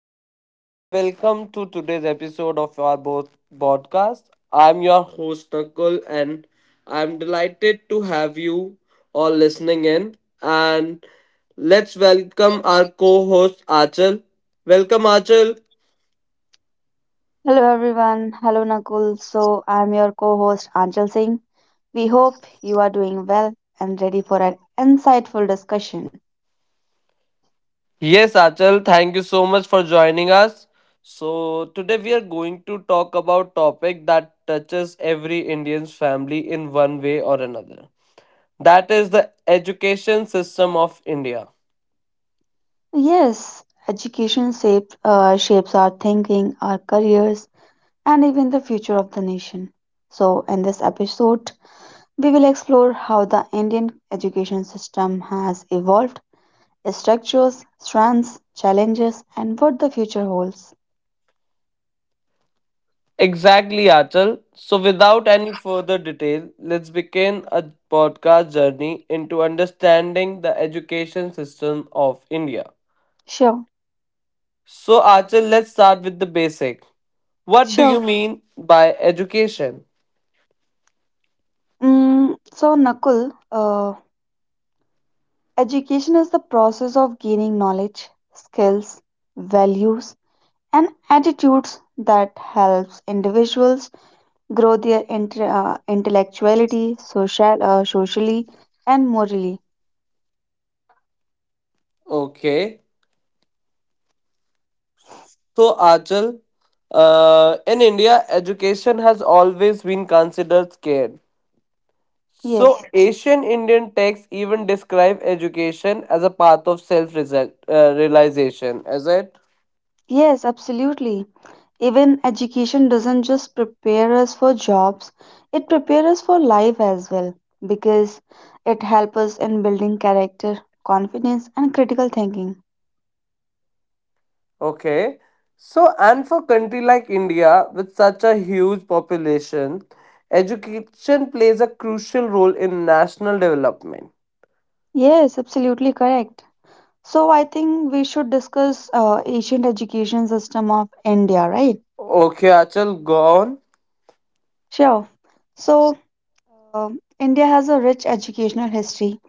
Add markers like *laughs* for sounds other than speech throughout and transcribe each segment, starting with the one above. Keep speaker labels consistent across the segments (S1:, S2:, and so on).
S1: Hello everyone, welcome to today's episode of our both podcast. I'm your host Nakul, and I'm delighted to have you all listening in. And let's welcome our co host Achal. Welcome, Achal.
S2: Hello everyone. Hello Nakul. So I'm your co-host Anjal Singh. We hope you are doing well and ready for an insightful discussion.
S1: Yes, Achal, thank you so much for joining us. So, today we are going to talk about topic that touches every Indian's family in one way or another. That is the education system of India.
S2: Yes, education shapes our thinking, our careers, and even the future of the nation. So in this episode, we will explore how the Indian education system has evolved, its structures, strengths, challenges, and what the future holds.
S1: Exactly, Achal. So, without any further detail, let's begin a podcast journey into understanding the education system of India.
S2: Sure,
S1: So, Achal, let's start with the basic. What do
S2: sure.
S1: you mean by education?
S2: So Nakul, education is the process of gaining knowledge, skills, values, and attitudes that helps individuals grow their intellectuality, socially, and morally.
S1: Okay. So, Achal, in India, education has always been considered scarce. So,
S2: Yes,
S1: ancient Indian texts even describe education as a path of self realization, is it?
S2: yes, absolutely. Even education doesn't just prepare us for jobs, it prepares us for life as well because it helps us in building character, confidence, and critical thinking.
S1: Okay. So, and for country like India with such a huge population, education plays a crucial role in national development.
S2: Yes, absolutely correct. So I think we should discuss ancient education system of India, right?
S1: Okay, Achal, go on.
S2: Sure. So um India has a rich educational history.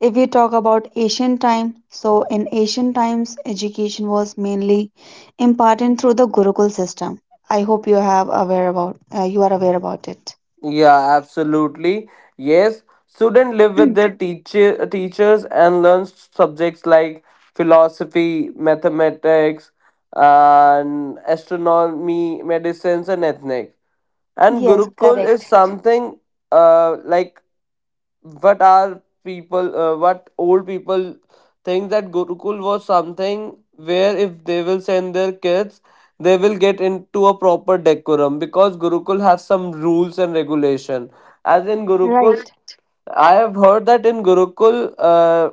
S2: If we talk about ancient time, so in ancient times, education was mainly imparted through the Gurukul system. I hope you are aware about it.
S1: Yeah, absolutely. Yes, students live with their
S2: *clears throat*
S1: teachers and learn subjects like philosophy, mathematics, and astronomy, medicines, and ethnics. And
S2: Yes,
S1: Gurukul is
S2: correct.
S1: something like what are people what old people think that gurukul was something where if they will send their kids they will get into a proper decorum because gurukul have some rules and regulation as in gurukul
S2: Right.
S1: I have heard that in Gurukul,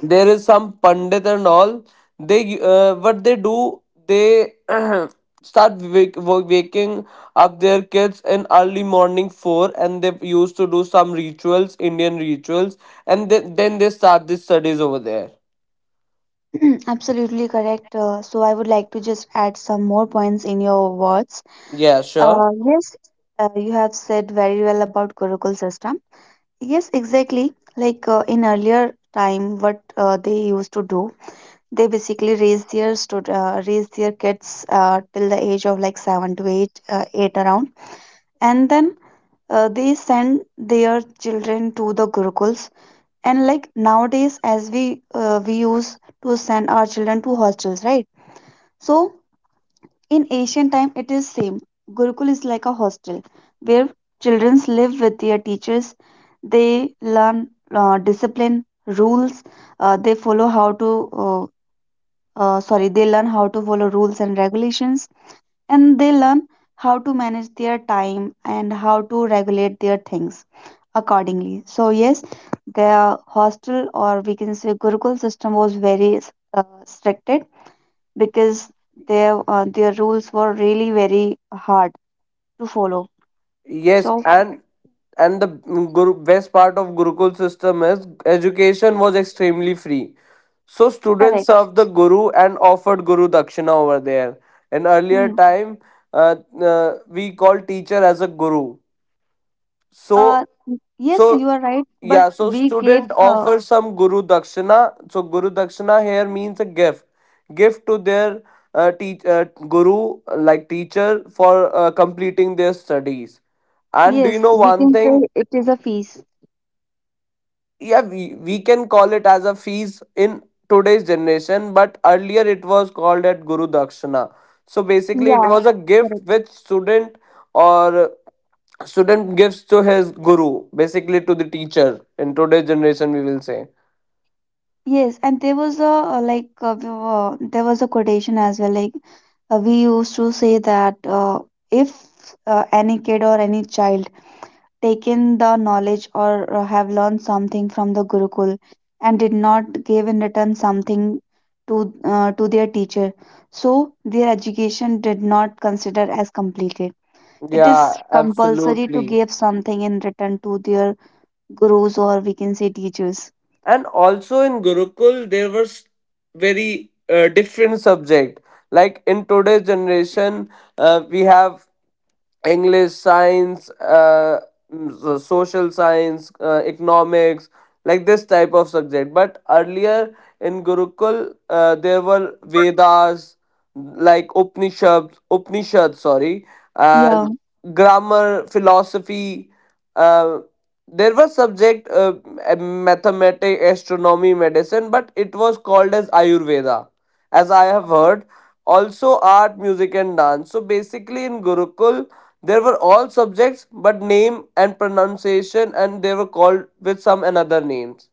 S1: there is some pandit and all. They what they do, they *clears throat* start waking up their kids in early morning four, and they used to do some rituals, Indian rituals, and then they start the studies over there.
S2: *clears throat* Absolutely correct. So I would like to just add some more points in your words.
S1: Yeah, sure.
S2: Yes, you have said very well about Gurukul system. Yes, exactly. Like in earlier time, what they used to do, they basically raise their kids till the age of like 7 to 8, around, and then they send their children to the Gurukuls. And like nowadays, as we use to send our children to hostels, right? So in ancient time, it is same. Gurukul is like a hostel where children live with their teachers. They learn discipline, rules. They follow how to. Uh, sorry, they learn how to follow rules and regulations, and they learn how to manage their time and how to regulate their things accordingly. So yes, their hostel, or we can say Gurukul system, was very restricted because their rules were really very hard to follow.
S1: Yes,
S2: So
S1: and the guru, best part of Gurukul system is education was extremely free. So students
S2: correct.
S1: served the guru and offered guru dakshina over there. In earlier
S2: Hmm.
S1: time, we called teacher as a guru.
S2: Uh,
S1: So
S2: yes,
S1: so
S2: you are right. But
S1: yeah, so
S2: we gave
S1: student offers some guru dakshina. So guru dakshina here means a gift to their teach guru like teacher for completing their studies. And do you
S2: yes,
S1: know
S2: we
S1: one
S2: can
S1: thing?
S2: say it is a feast.
S1: Yeah, we can call it as a fees in today's generation, but earlier it was called at Guru Dakshina. So basically, it
S2: Yeah,
S1: was a gift
S2: correct.
S1: which or student gives to his guru, basically to the teacher. In today's generation, we will say.
S2: Yes, and there was a quotation as well. Like we used to say that if any kid or any child taken the knowledge or have learned something from the Gurukul and did not give in return something to their teacher, so their education did not consider as completed. It is
S1: Yeah,
S2: compulsory to
S1: absolutely.
S2: give something in return to their gurus, or we can say teachers.
S1: And also in Gurukul, there was very different subject. Like in today's generation, we have English, science, social science, economics, like this type of subject. But earlier in Gurukul, there were Vedas, like Upanishads,
S2: Yeah.
S1: and grammar, philosophy. Uh, there was subject mathematics, astronomy, medicine, but it was called as Ayurveda, as I have heard. Also, art, music, and dance. So basically, in Gurukul there were all subjects, but name and pronunciation, and they were called with some another names.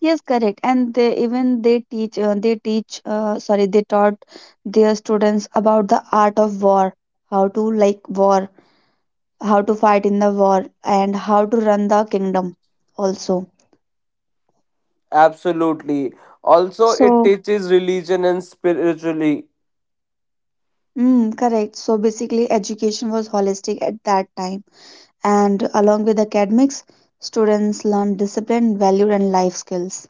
S2: Yes, correct. And they even they teach sorry they taught their students about the art of war, how to like war, how to fight in the war, and how to run the kingdom also.
S1: Absolutely. Also, it
S2: So,
S1: teaches religion and spirituality.
S2: mm, correct. So basically, education was holistic at that time, and along with academics, students learned discipline, value, and life skills.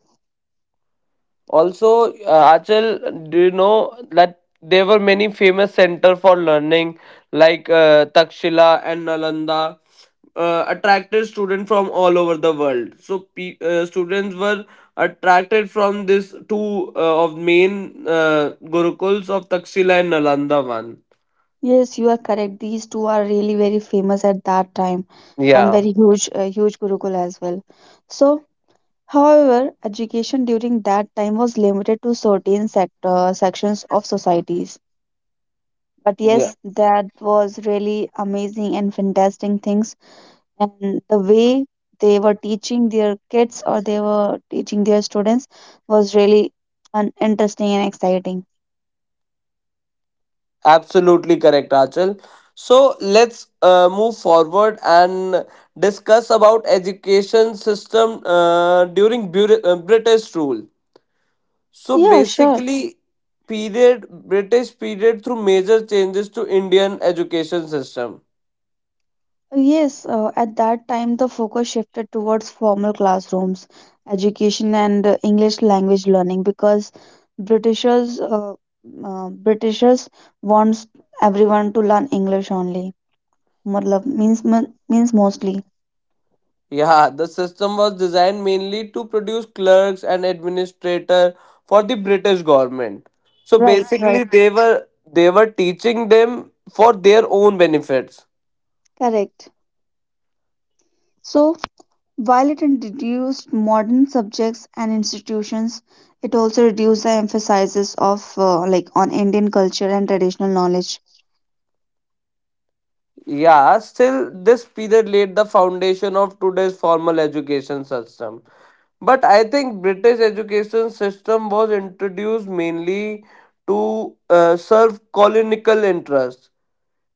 S1: Also, Achal, do you know that there were many famous center for learning like Takshila and Nalanda attracted students from all over the world. So students were attracted from these two of main gurukuls of Takshila and Nalanda one.
S2: Yes, you are correct. These two are really very famous at that time, and
S1: Yeah,
S2: very huge Gurukul as well. So, however, education during that time was limited to certain sector sections of societies. But
S1: yeah.
S2: yes, that was really amazing and fantastic things. And the way they were teaching their kids, or they were teaching their students, was really interesting and exciting.
S1: Absolutely correct, Rachel. So let's move forward and discuss about education system during British rule. So
S2: Yeah, sure.
S1: basically, period British period through major changes to Indian education system.
S2: Yes, at that time the focus shifted towards formal classrooms, education, and English language learning because Britishers, uh, Britishers wants everyone to learn English only. Matlab means mostly.
S1: Yeah, the system was designed mainly to produce clerks and administrator for the British government. So
S2: Right,
S1: basically,
S2: right,
S1: they were teaching them for their own benefits.
S2: correct. So while it introduced modern subjects and institutions, it also reduced the emphasis of like on Indian culture and traditional knowledge.
S1: Yeah, still, this period laid the foundation of today's formal education system. But I think British education system was introduced mainly to serve colonial interests.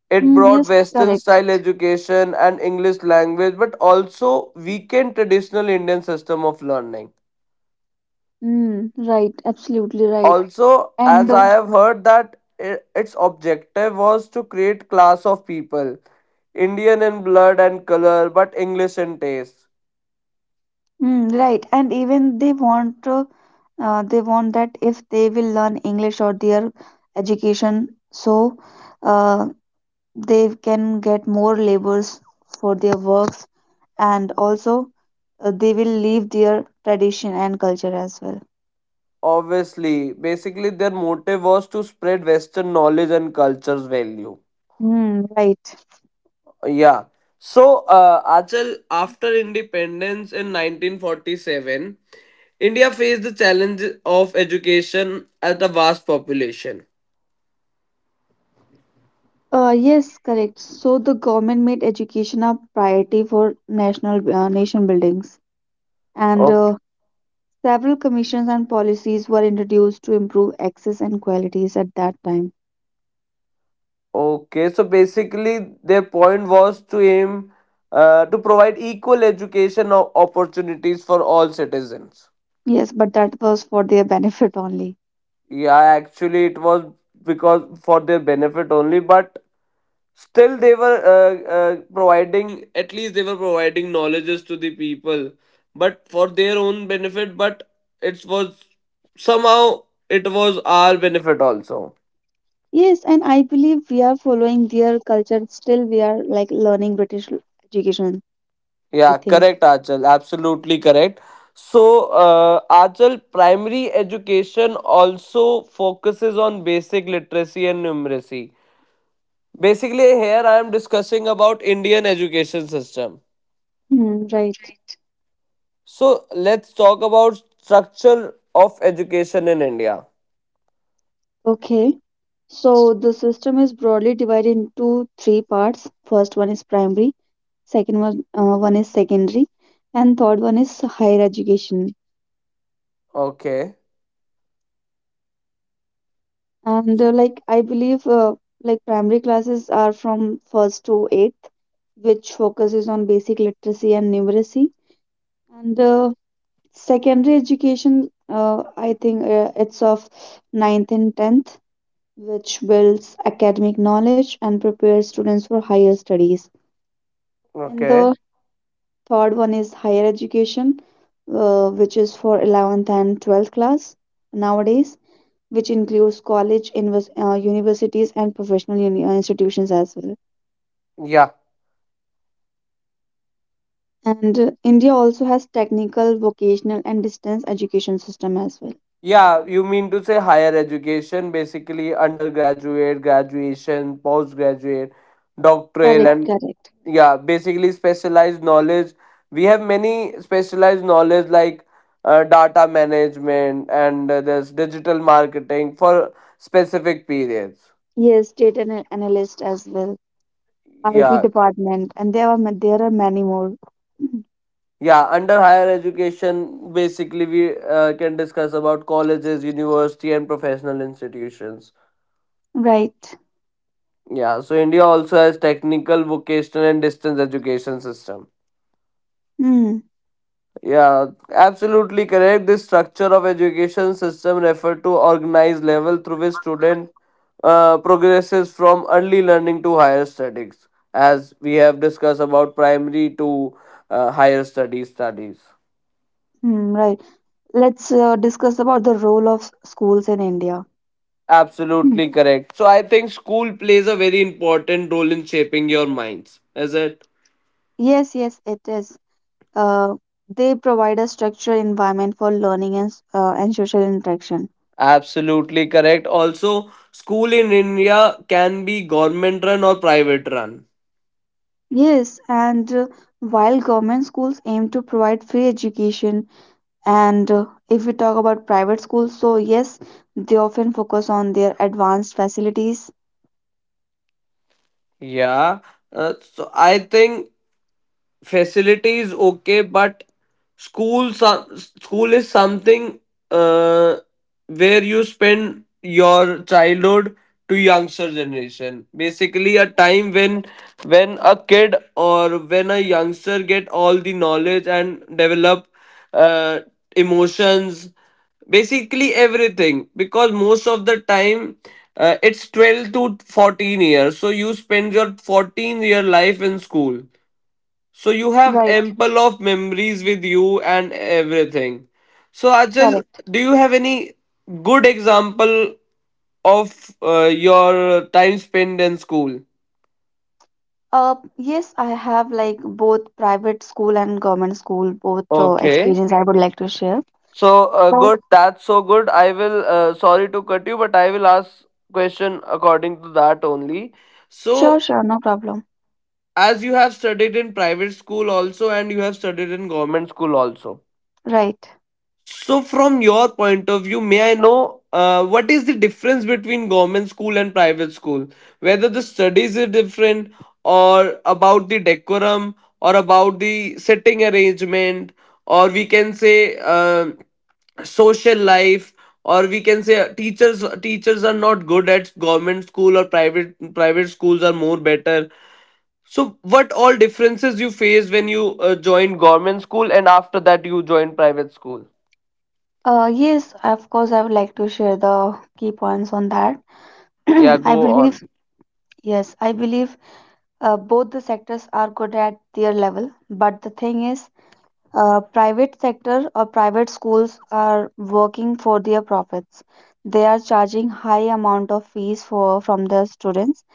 S1: It
S2: Mm,
S1: brought
S2: yes,
S1: Western
S2: correct.
S1: style education and English language, but also weakened traditional Indian system of learning.
S2: Mm, right, absolutely right.
S1: Also,
S2: And
S1: as
S2: uh,
S1: I have heard that its objective was to create class of people Indian in blood and color, but English in taste.
S2: mm, right, and even they want that if they will learn English or their education, so uh, they can get more labels for their works, and also they will leave their tradition and culture as well.
S1: Obviously, basically, their motive was to spread Western knowledge and culture's value.
S2: Mm, right.
S1: Yeah. So, Achal, after independence in 1947, India faced the challenge of education at a vast population.
S2: Yes, correct. So the government made education a priority for nation buildings, and
S1: Okay.
S2: several commissions and policies were introduced to improve access and qualities at that time.
S1: Okay. So basically, their point was to aim to provide equal education opportunities for all citizens.
S2: Yes, but that was for their *laughs* benefit only.
S1: Yeah, actually, it was because for their benefit only, but still they were providing, at least they were providing knowledges to the people, but for their own benefit, but it was somehow it was our benefit also.
S2: Yes, and I believe we are following their culture. Still, we are like learning British education, I
S1: Yeah,
S2: think.
S1: correct, Achal. Absolutely correct. So, Achal, primary education also focuses on basic literacy and numeracy. Basically here I am discussing about Indian education system,
S2: Hmm, right.
S1: so let's talk about structure of education in India.
S2: Okay. So the system is broadly divided into three parts. First one is primary, second one is secondary, and third one is higher education.
S1: okay
S2: And like I believe, like primary classes are from first to eighth, which focuses on basic literacy and numeracy. And secondary education, I think it's of ninth and tenth, which builds academic knowledge and prepares students for higher studies. And
S1: okay.
S2: the third one is higher education, which is for 11th and 12th class nowadays, which includes college, universities, and professional institutions as well.
S1: yeah
S2: And India also has technical, vocational, and distance education system as well.
S1: yeah you mean to say higher education, basically undergraduate graduation, postgraduate doctoral.
S2: Correct,
S1: And
S2: correct.
S1: yeah, basically specialized knowledge. We have many specialized knowledge like data management and there's digital marketing for specific periods.
S2: Yes, data analyst as well, IT
S1: Yeah,
S2: department, and there are there are many more. Mm,
S1: yeah. Under higher education, basically we can discuss about colleges, university, and professional institutions.
S2: right.
S1: Yeah, so India also has technical, vocational, and distance education system.
S2: Mm,
S1: Yeah, absolutely correct. This structure of education system refer to organized level through which student progresses from early learning to higher studies, as we have discussed about primary to higher studies.
S2: mm, right. Let's discuss about the role of schools in India. Hmm.
S1: Absolutely correct. So I think school plays a very important role in shaping your minds, is it?
S2: Yes, yes, it is. Uh, they provide a structured environment for learning and social interaction.
S1: Absolutely correct. Also, school in India can be government run or private run.
S2: Yes, and while government schools aim to provide free education, and if we talk about private schools, so yes, they often focus on their advanced facilities.
S1: Yeah. So I think facilities okay but school some school is something uh, where you spend your childhood to youngster generation, basically a time when a kid or when a youngster get all the knowledge and develop uh, emotions, basically everything, because most of the time it's 12 to 14 years, so you spend your 14-year life in school, so you have
S2: Right,
S1: ample of memories with you and everything. So Achal,
S2: correct.
S1: do you have any good example of your time spent in school?
S2: Yes, I have like both private school and government school, both
S1: Okay.
S2: experience I would like to share.
S1: So
S2: So,
S1: good. That's so good. I will. Sorry to cut you, but I will ask question according to that only.
S2: sure,
S1: So
S2: sure, no problem.
S1: as you have studied in private school also, and you have studied in government school also.
S2: Right.
S1: So, from your point of view, may I know what is the difference between government school and private school? Whether the studies are different, or about the decorum, or about the sitting arrangement, or we can say social life, or we can say teachers are not good at government school or private schools are more better. So, what all differences you face when you joined government school and after that you joined private school?
S2: Yes, of course, I would like to share the key points on that.
S1: Yeah,
S2: *clears throat* I
S1: go on.
S2: believe, yes, I believe, both the sectors are good at their level, but the thing is, private sector or private schools are working for their profits. They are charging high amount of fees for from the students,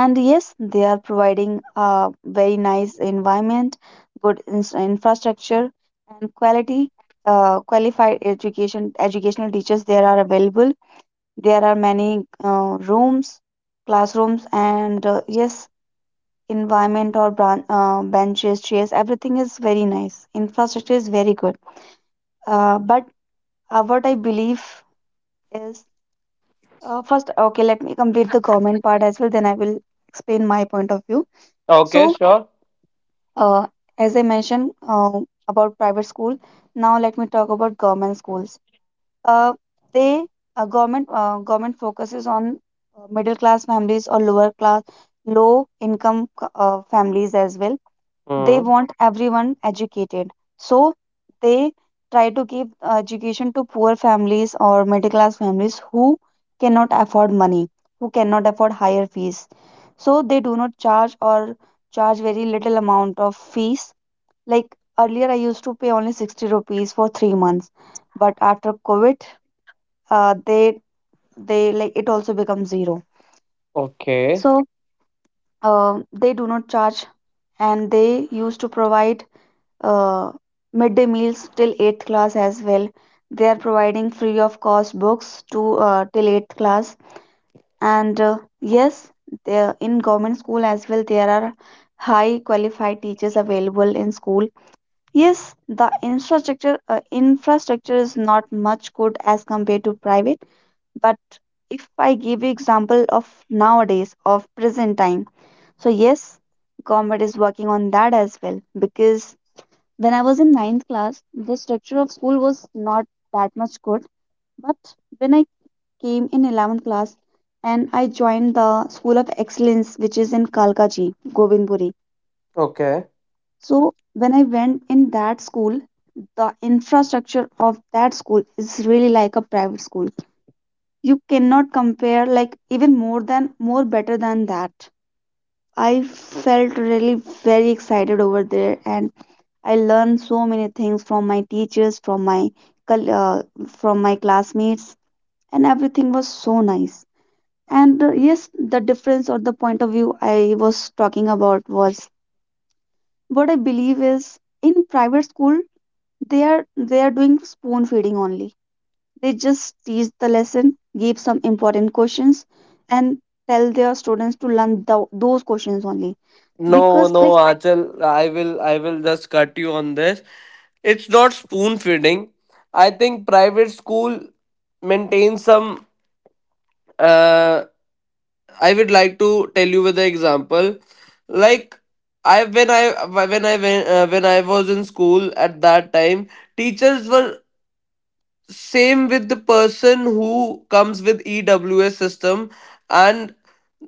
S2: and yes, they are providing a very nice environment, good infrastructure, and quality qualified educational teachers. There are available, there are many rooms, classrooms, and yes, environment or benches, chairs, everything is very nice. Infrastructure is very good. But what I believe is, first, okay, let me complete the government part as well, then I will explain my point of view.
S1: Okay,
S2: So,
S1: sure.
S2: uh, as I mentioned about private school, now let me talk about government schools. Uh, they government government focuses on middle class families or lower class, low income families as well. They
S1: Hmm.
S2: want everyone educated, so they try to give education to poor families or middle class families who cannot afford money, who cannot afford higher fees, so they do not charge or charge very little amount of fees. Like earlier I used to pay only 60 rupees for 3 months, but after COVID uh, they they like, it also becomes zero.
S1: Okay.
S2: So they do not charge, and they used to provide uh, midday meals till 8th class as well. They are providing free of cost books to till 8th class. And yes, there in government school as well, there are high qualified teachers available in school. Yes, the infrastructure is not much good as compared to private, but if I give you example of nowadays of present time, so yes, government is working on that as well because when I was in ninth class, the structure of school was not that much good. But when I came in 11th class and I joined the School of Excellence, which is in Kalkaji, Govindpuri.
S1: Okay.
S2: So when I went in that school, the infrastructure of that school is really like a private school. You cannot compare, like even more than more better than that. I felt really very excited over there and I learned so many things from my teachers, col- uh, from my classmates, and everything was so nice. And yes, the difference or the point of view I was talking about was, what I believe is, in private school they are doing spoon feeding only. They just teach the lesson, give some important questions, and tell their students to learn those questions only.
S1: No,
S2: Because like
S1: no, Achal, I will just cut you on this. It's not spoon feeding. I think private school maintains some uh I would like to tell you with the example. Like I when I when I was in school at that time, teachers were same with the person who comes with EWS system and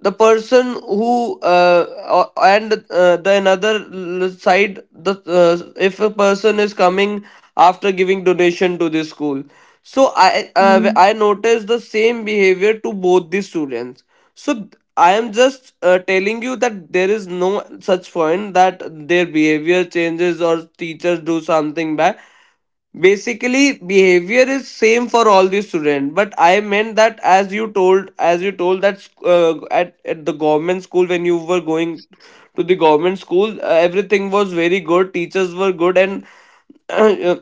S1: the person who and the another side the if a person is coming after giving donation to the school, so
S2: mm,
S1: I noticed the same behavior to both the students, so I am just telling you that there is no such point that their behavior changes or teachers do something bad, basically behavior is same for all the student, but I meant that as you told that at the government school when you were going to the government school everything was very good, teachers were good and uh,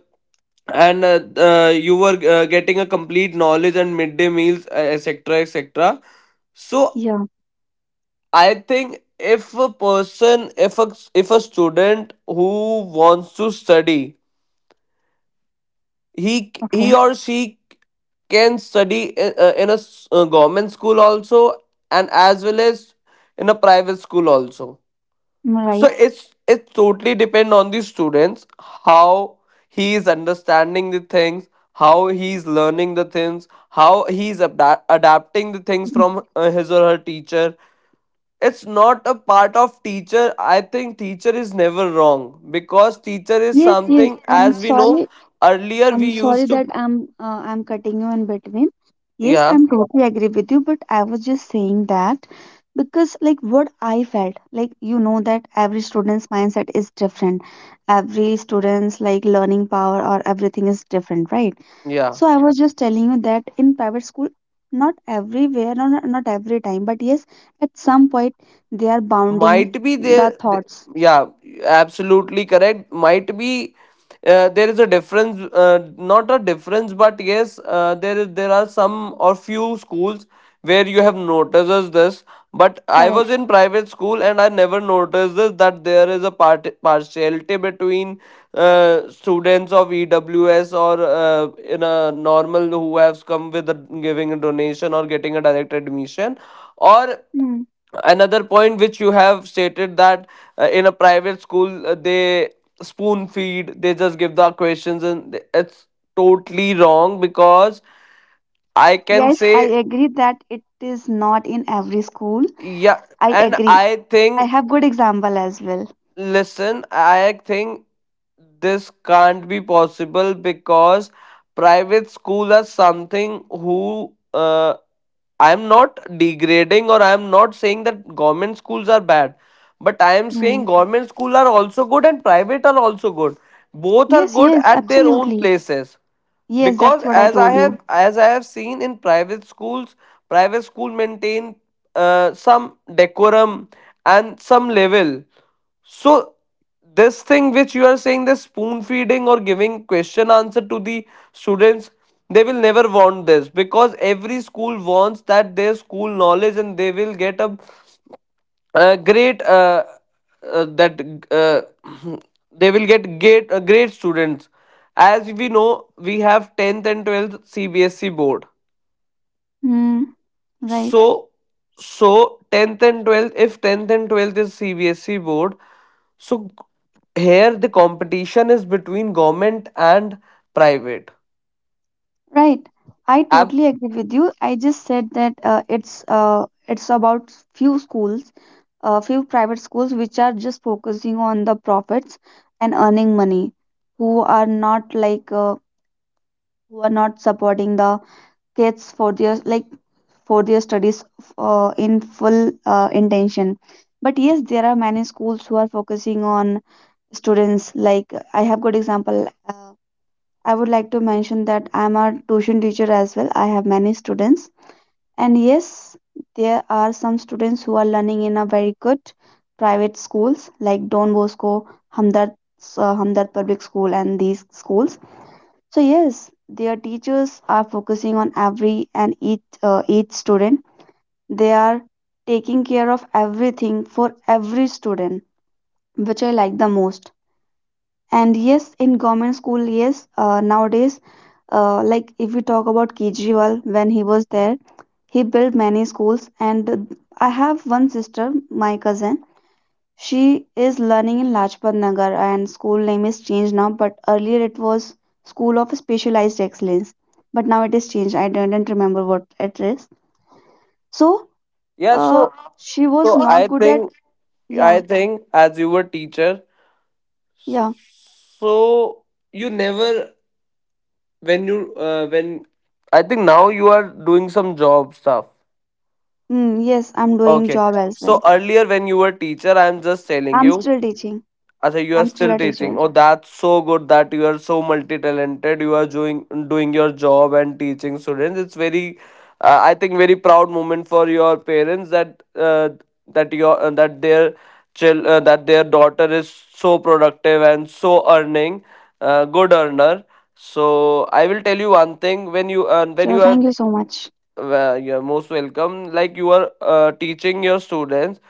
S1: you were getting a complete knowledge and midday meals etc etc. So
S2: yeah,
S1: I think if a person, if a student who wants to study,
S2: okay,
S1: he or she can study in a government school also and as well as in a private school also. So
S2: right.
S1: it totally depend on the students how he is understanding the things, how he is learning the things, how he is adapting the things from his or her teacher. It's not a part of teacher. I think teacher is never wrong because teacher is
S2: Yes, yes.
S1: something
S2: I'm
S1: as we know
S2: sorry
S1: earlier
S2: I'm
S1: we
S2: sorry
S1: used to.
S2: that I'm cutting you in between. Yes,
S1: Yeah,
S2: I'm totally agree with you, but I was just saying that because like what I felt, like you know that every student's mindset is different. Every student's like learning power or everything is different, right?
S1: yeah.
S2: So I was just telling you that in private school, not everywhere, no, no, not every time, but yes, at some point they are bounding
S1: Might be
S2: the
S1: there.
S2: thoughts.
S1: Yeah, absolutely correct. Might be there is a not a difference, but yes, there is there are some or few schools where you have noticed us this. But I was
S2: Correct.
S1: in private school and I never noticed this, that there is a partiality between students of EWS or in a normal who has come with a giving a donation or getting a direct admission. Or
S2: Hmm.
S1: another point which you have stated that in a private school they spoon feed, they just give the questions. And it's totally wrong because I can
S2: Yes, I
S1: say,
S2: agree that it is not in every school.
S1: yeah,
S2: I
S1: and
S2: agree.
S1: I
S2: I
S1: think,
S2: have good example as well.
S1: listen, I think this can't be possible because private school are something who I am not degrading or I am not saying that government schools are bad, but I am
S2: Hmm.
S1: saying government schools are also good and private are also good. Both are
S2: Yes,
S1: good
S2: yes,
S1: at their own
S2: absolutely.
S1: places
S2: Yes, that's
S1: because
S2: what I told you.
S1: as I have seen in private schools, private school maintain some decorum and some level. So this thing which you are saying, the spoon feeding or giving question answer to the students, they will never want this because every school wants that their school knowledge and they will get a great that uh, *clears throat* they will get great great students. As we know, we have 10th and 12th CBSE board,
S2: Hmm. Right.
S1: so 10th and 12th, if 10th and 12th is CBSE board, so here the competition is between government and private.
S2: Right. I
S1: Ab-
S2: totally agree with you. I just said that it's about few schools, few private schools which are just focusing on the profits and earning money, who are not like uh, who are not supporting the kids for their for their studies in full intention, but yes, there are many schools who are focusing on students. Like, I have good example, uh, I would like to mention that I am a tuition teacher as well. I have many students, and yes, there are some students who are learning in a very good private schools like Don Bosco, hamdard hamdard Public School, and these schools. So yes, their teachers are focusing on every and each student. They are taking care of everything for every student, which I like the most. And yes, in government school, yes, nowadays, like, if we talk about Kejriwal, when he was there, he built many schools. And I have one sister, my cousin, she is learning in Lajpat Nagar, and school name is changed now, but earlier it was School of Specialized Excellence, but now it is changed. I didn't remember what it is. So,
S1: yeah,
S2: uh
S1: so
S2: she was not
S1: I
S2: good at,
S1: think,
S2: yeah,
S1: as you were teacher,
S2: yeah.
S1: so you never, when you when I think now you are doing some job stuff.
S2: Mm, yes, I'm doing
S1: Okay.
S2: job as
S1: So
S2: well.
S1: earlier when you were teacher, I am just telling
S2: I'm
S1: you.
S2: still teaching.
S1: Acha, you are
S2: I'm still
S1: still
S2: a
S1: teaching.
S2: teacher.
S1: Oh, that's so good that you are so multi-talented. You are doing your job and teaching students. It's very, I think, very proud moment for your parents that uh, your that their child, that their daughter is so productive and so earning, good earner. So I will tell you one thing, when
S2: Sure,
S1: you are
S2: thank you so much.
S1: you're most welcome. Like, you are teaching your students,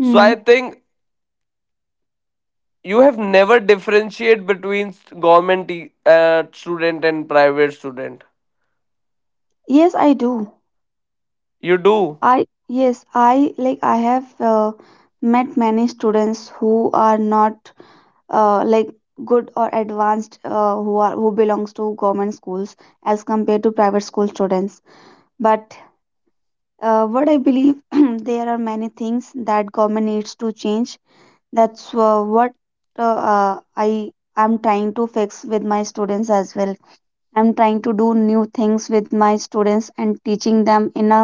S1: so I think you have never differentiate between government student and private student.
S2: Yes, I do.
S1: You do.
S2: I yes, I like, I have met many students who are not like good or advanced, who belongs to government schools as compared to private school students. But what I believe, *clears throat* there are many things that government needs to change. That's what uh, I am trying to fix with my students as well. I'm trying to do new things with my students and teaching them in a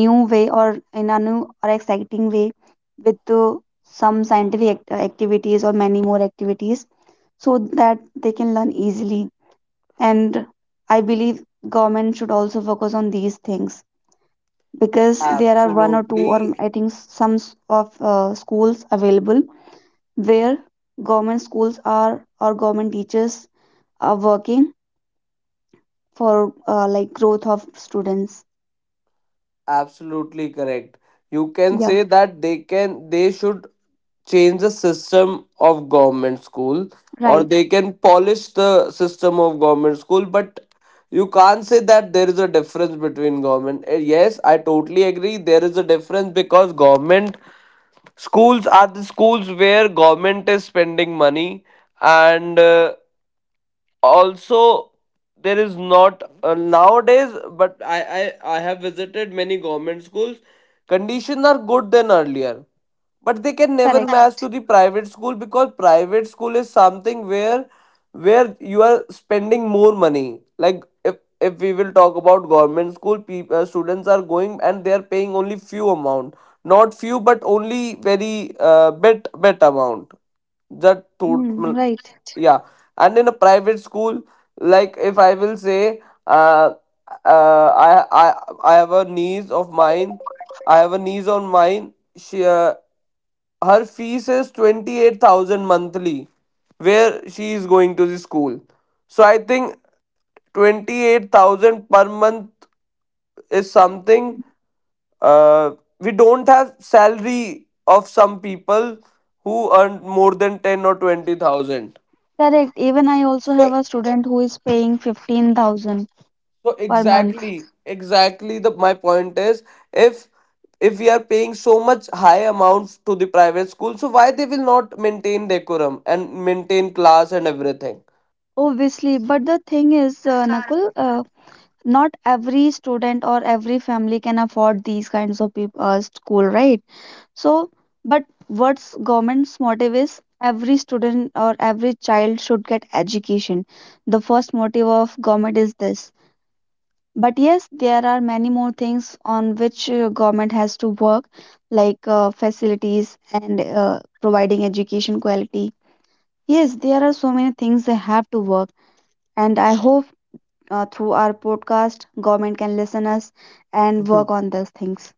S2: new way, or in a new or exciting way with some scientific activities or many more activities, so that they can learn easily. And I believe government should also focus on these things, because there are one or two, or
S1: Absolutely,
S2: I think some of schools available where government schools are or government teachers are working for like, growth of students.
S1: absolutely correct. You can
S2: Yeah,
S1: say that they should change the system of government school, or
S2: right,
S1: they can polish the system of government school, but you can't say that there is a difference between government. Yes, I totally agree there is a difference because government schools are the schools where government is spending money, and also there is not nowadays, but I have visited many government schools, conditions are good than earlier, but they can never
S2: correct.
S1: match to the private school because private school is something where you are spending more money. Like, if we will talk about government school, people students are going and they are paying only few amount, not few but only very bit amount, that
S2: Mm,
S1: total,
S2: right,
S1: yeah. And in a private school, like, if I will say, uh, uh i i I have a niece of mine, I have a niece on mine, she, her fees is 28,000 monthly where she is going to the school. So I think 28,000 per month is something, uh, we don't have salary of some people who earn more than 10 or 20,000.
S2: correct. Even I also
S1: So
S2: have a student who is paying 15,000 per month,
S1: exactly, exactly, the my point is, if we are paying so much high amounts to the private school, so why they will not maintain decorum and maintain class and everything?
S2: obviously. But the thing is, Nakul, not every student or every family can afford these kinds of school, right? So, but what's government's motive is every student or every child should get education. The first motive of government is this. But yes, there are many more things on which government has to work, like facilities and providing education quality. Yes, there are so many things they have to work, and I hope through our podcast, government can listen us and work on those things.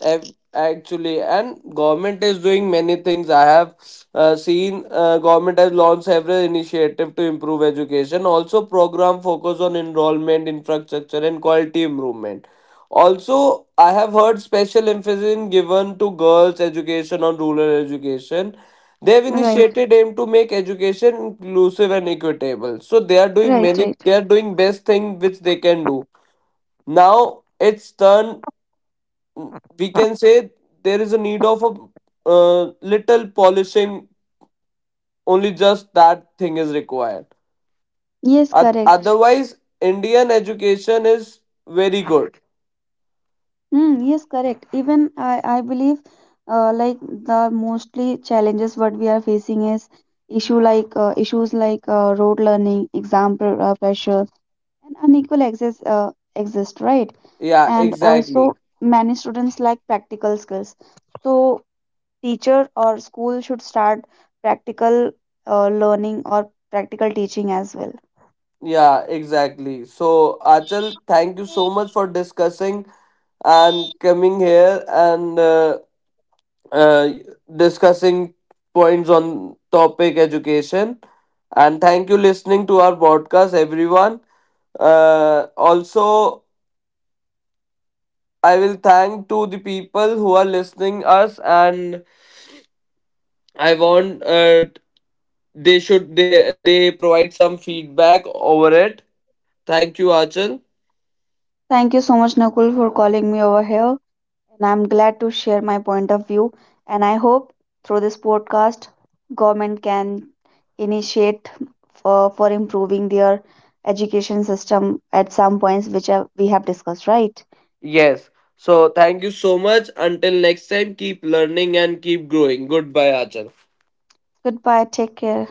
S1: Actually, and government is doing many things. I have seen government has launched several initiative to improve education also, program focus on enrollment, infrastructure and quality improvement. Also I have heard special emphasis in given to girls education, on rural education. They have
S2: Right,
S1: initiated, aim to make education inclusive and equitable. So they are doing
S2: right,
S1: many,
S2: right.
S1: they are doing best thing which they can do. Now it's turn, we can say there is a need of a uh, little polishing only, just that thing is required.
S2: Yes, correct.
S1: Otherwise Indian education is very good.
S2: Mm, yes, correct. Even I believe like, the mostly challenges what we are facing is issues like road learning, exam pressure, and unequal access exist, right?
S1: Yeah,
S2: And also,
S1: exactly.
S2: many students lack practical skills, so teacher or school should start practical learning or practical teaching as well.
S1: Yeah, exactly. So Achal, thank you so much for discussing and coming here and uh, discussing points on topic education. And thank you listening to our podcast, everyone. uh, Also I will thank to the people who are listening us, and I want, they should, they provide some feedback over it. Thank you, Achal.
S2: Thank you so much, Nakul, for calling me over here. And I'm glad to share my point of view. And I hope through this podcast, government can initiate for improving their education system at some points which we have discussed, right?
S1: Yes. So thank you so much. Until next time, keep learning and keep growing. Goodbye, Achal.
S2: Goodbye. Take care.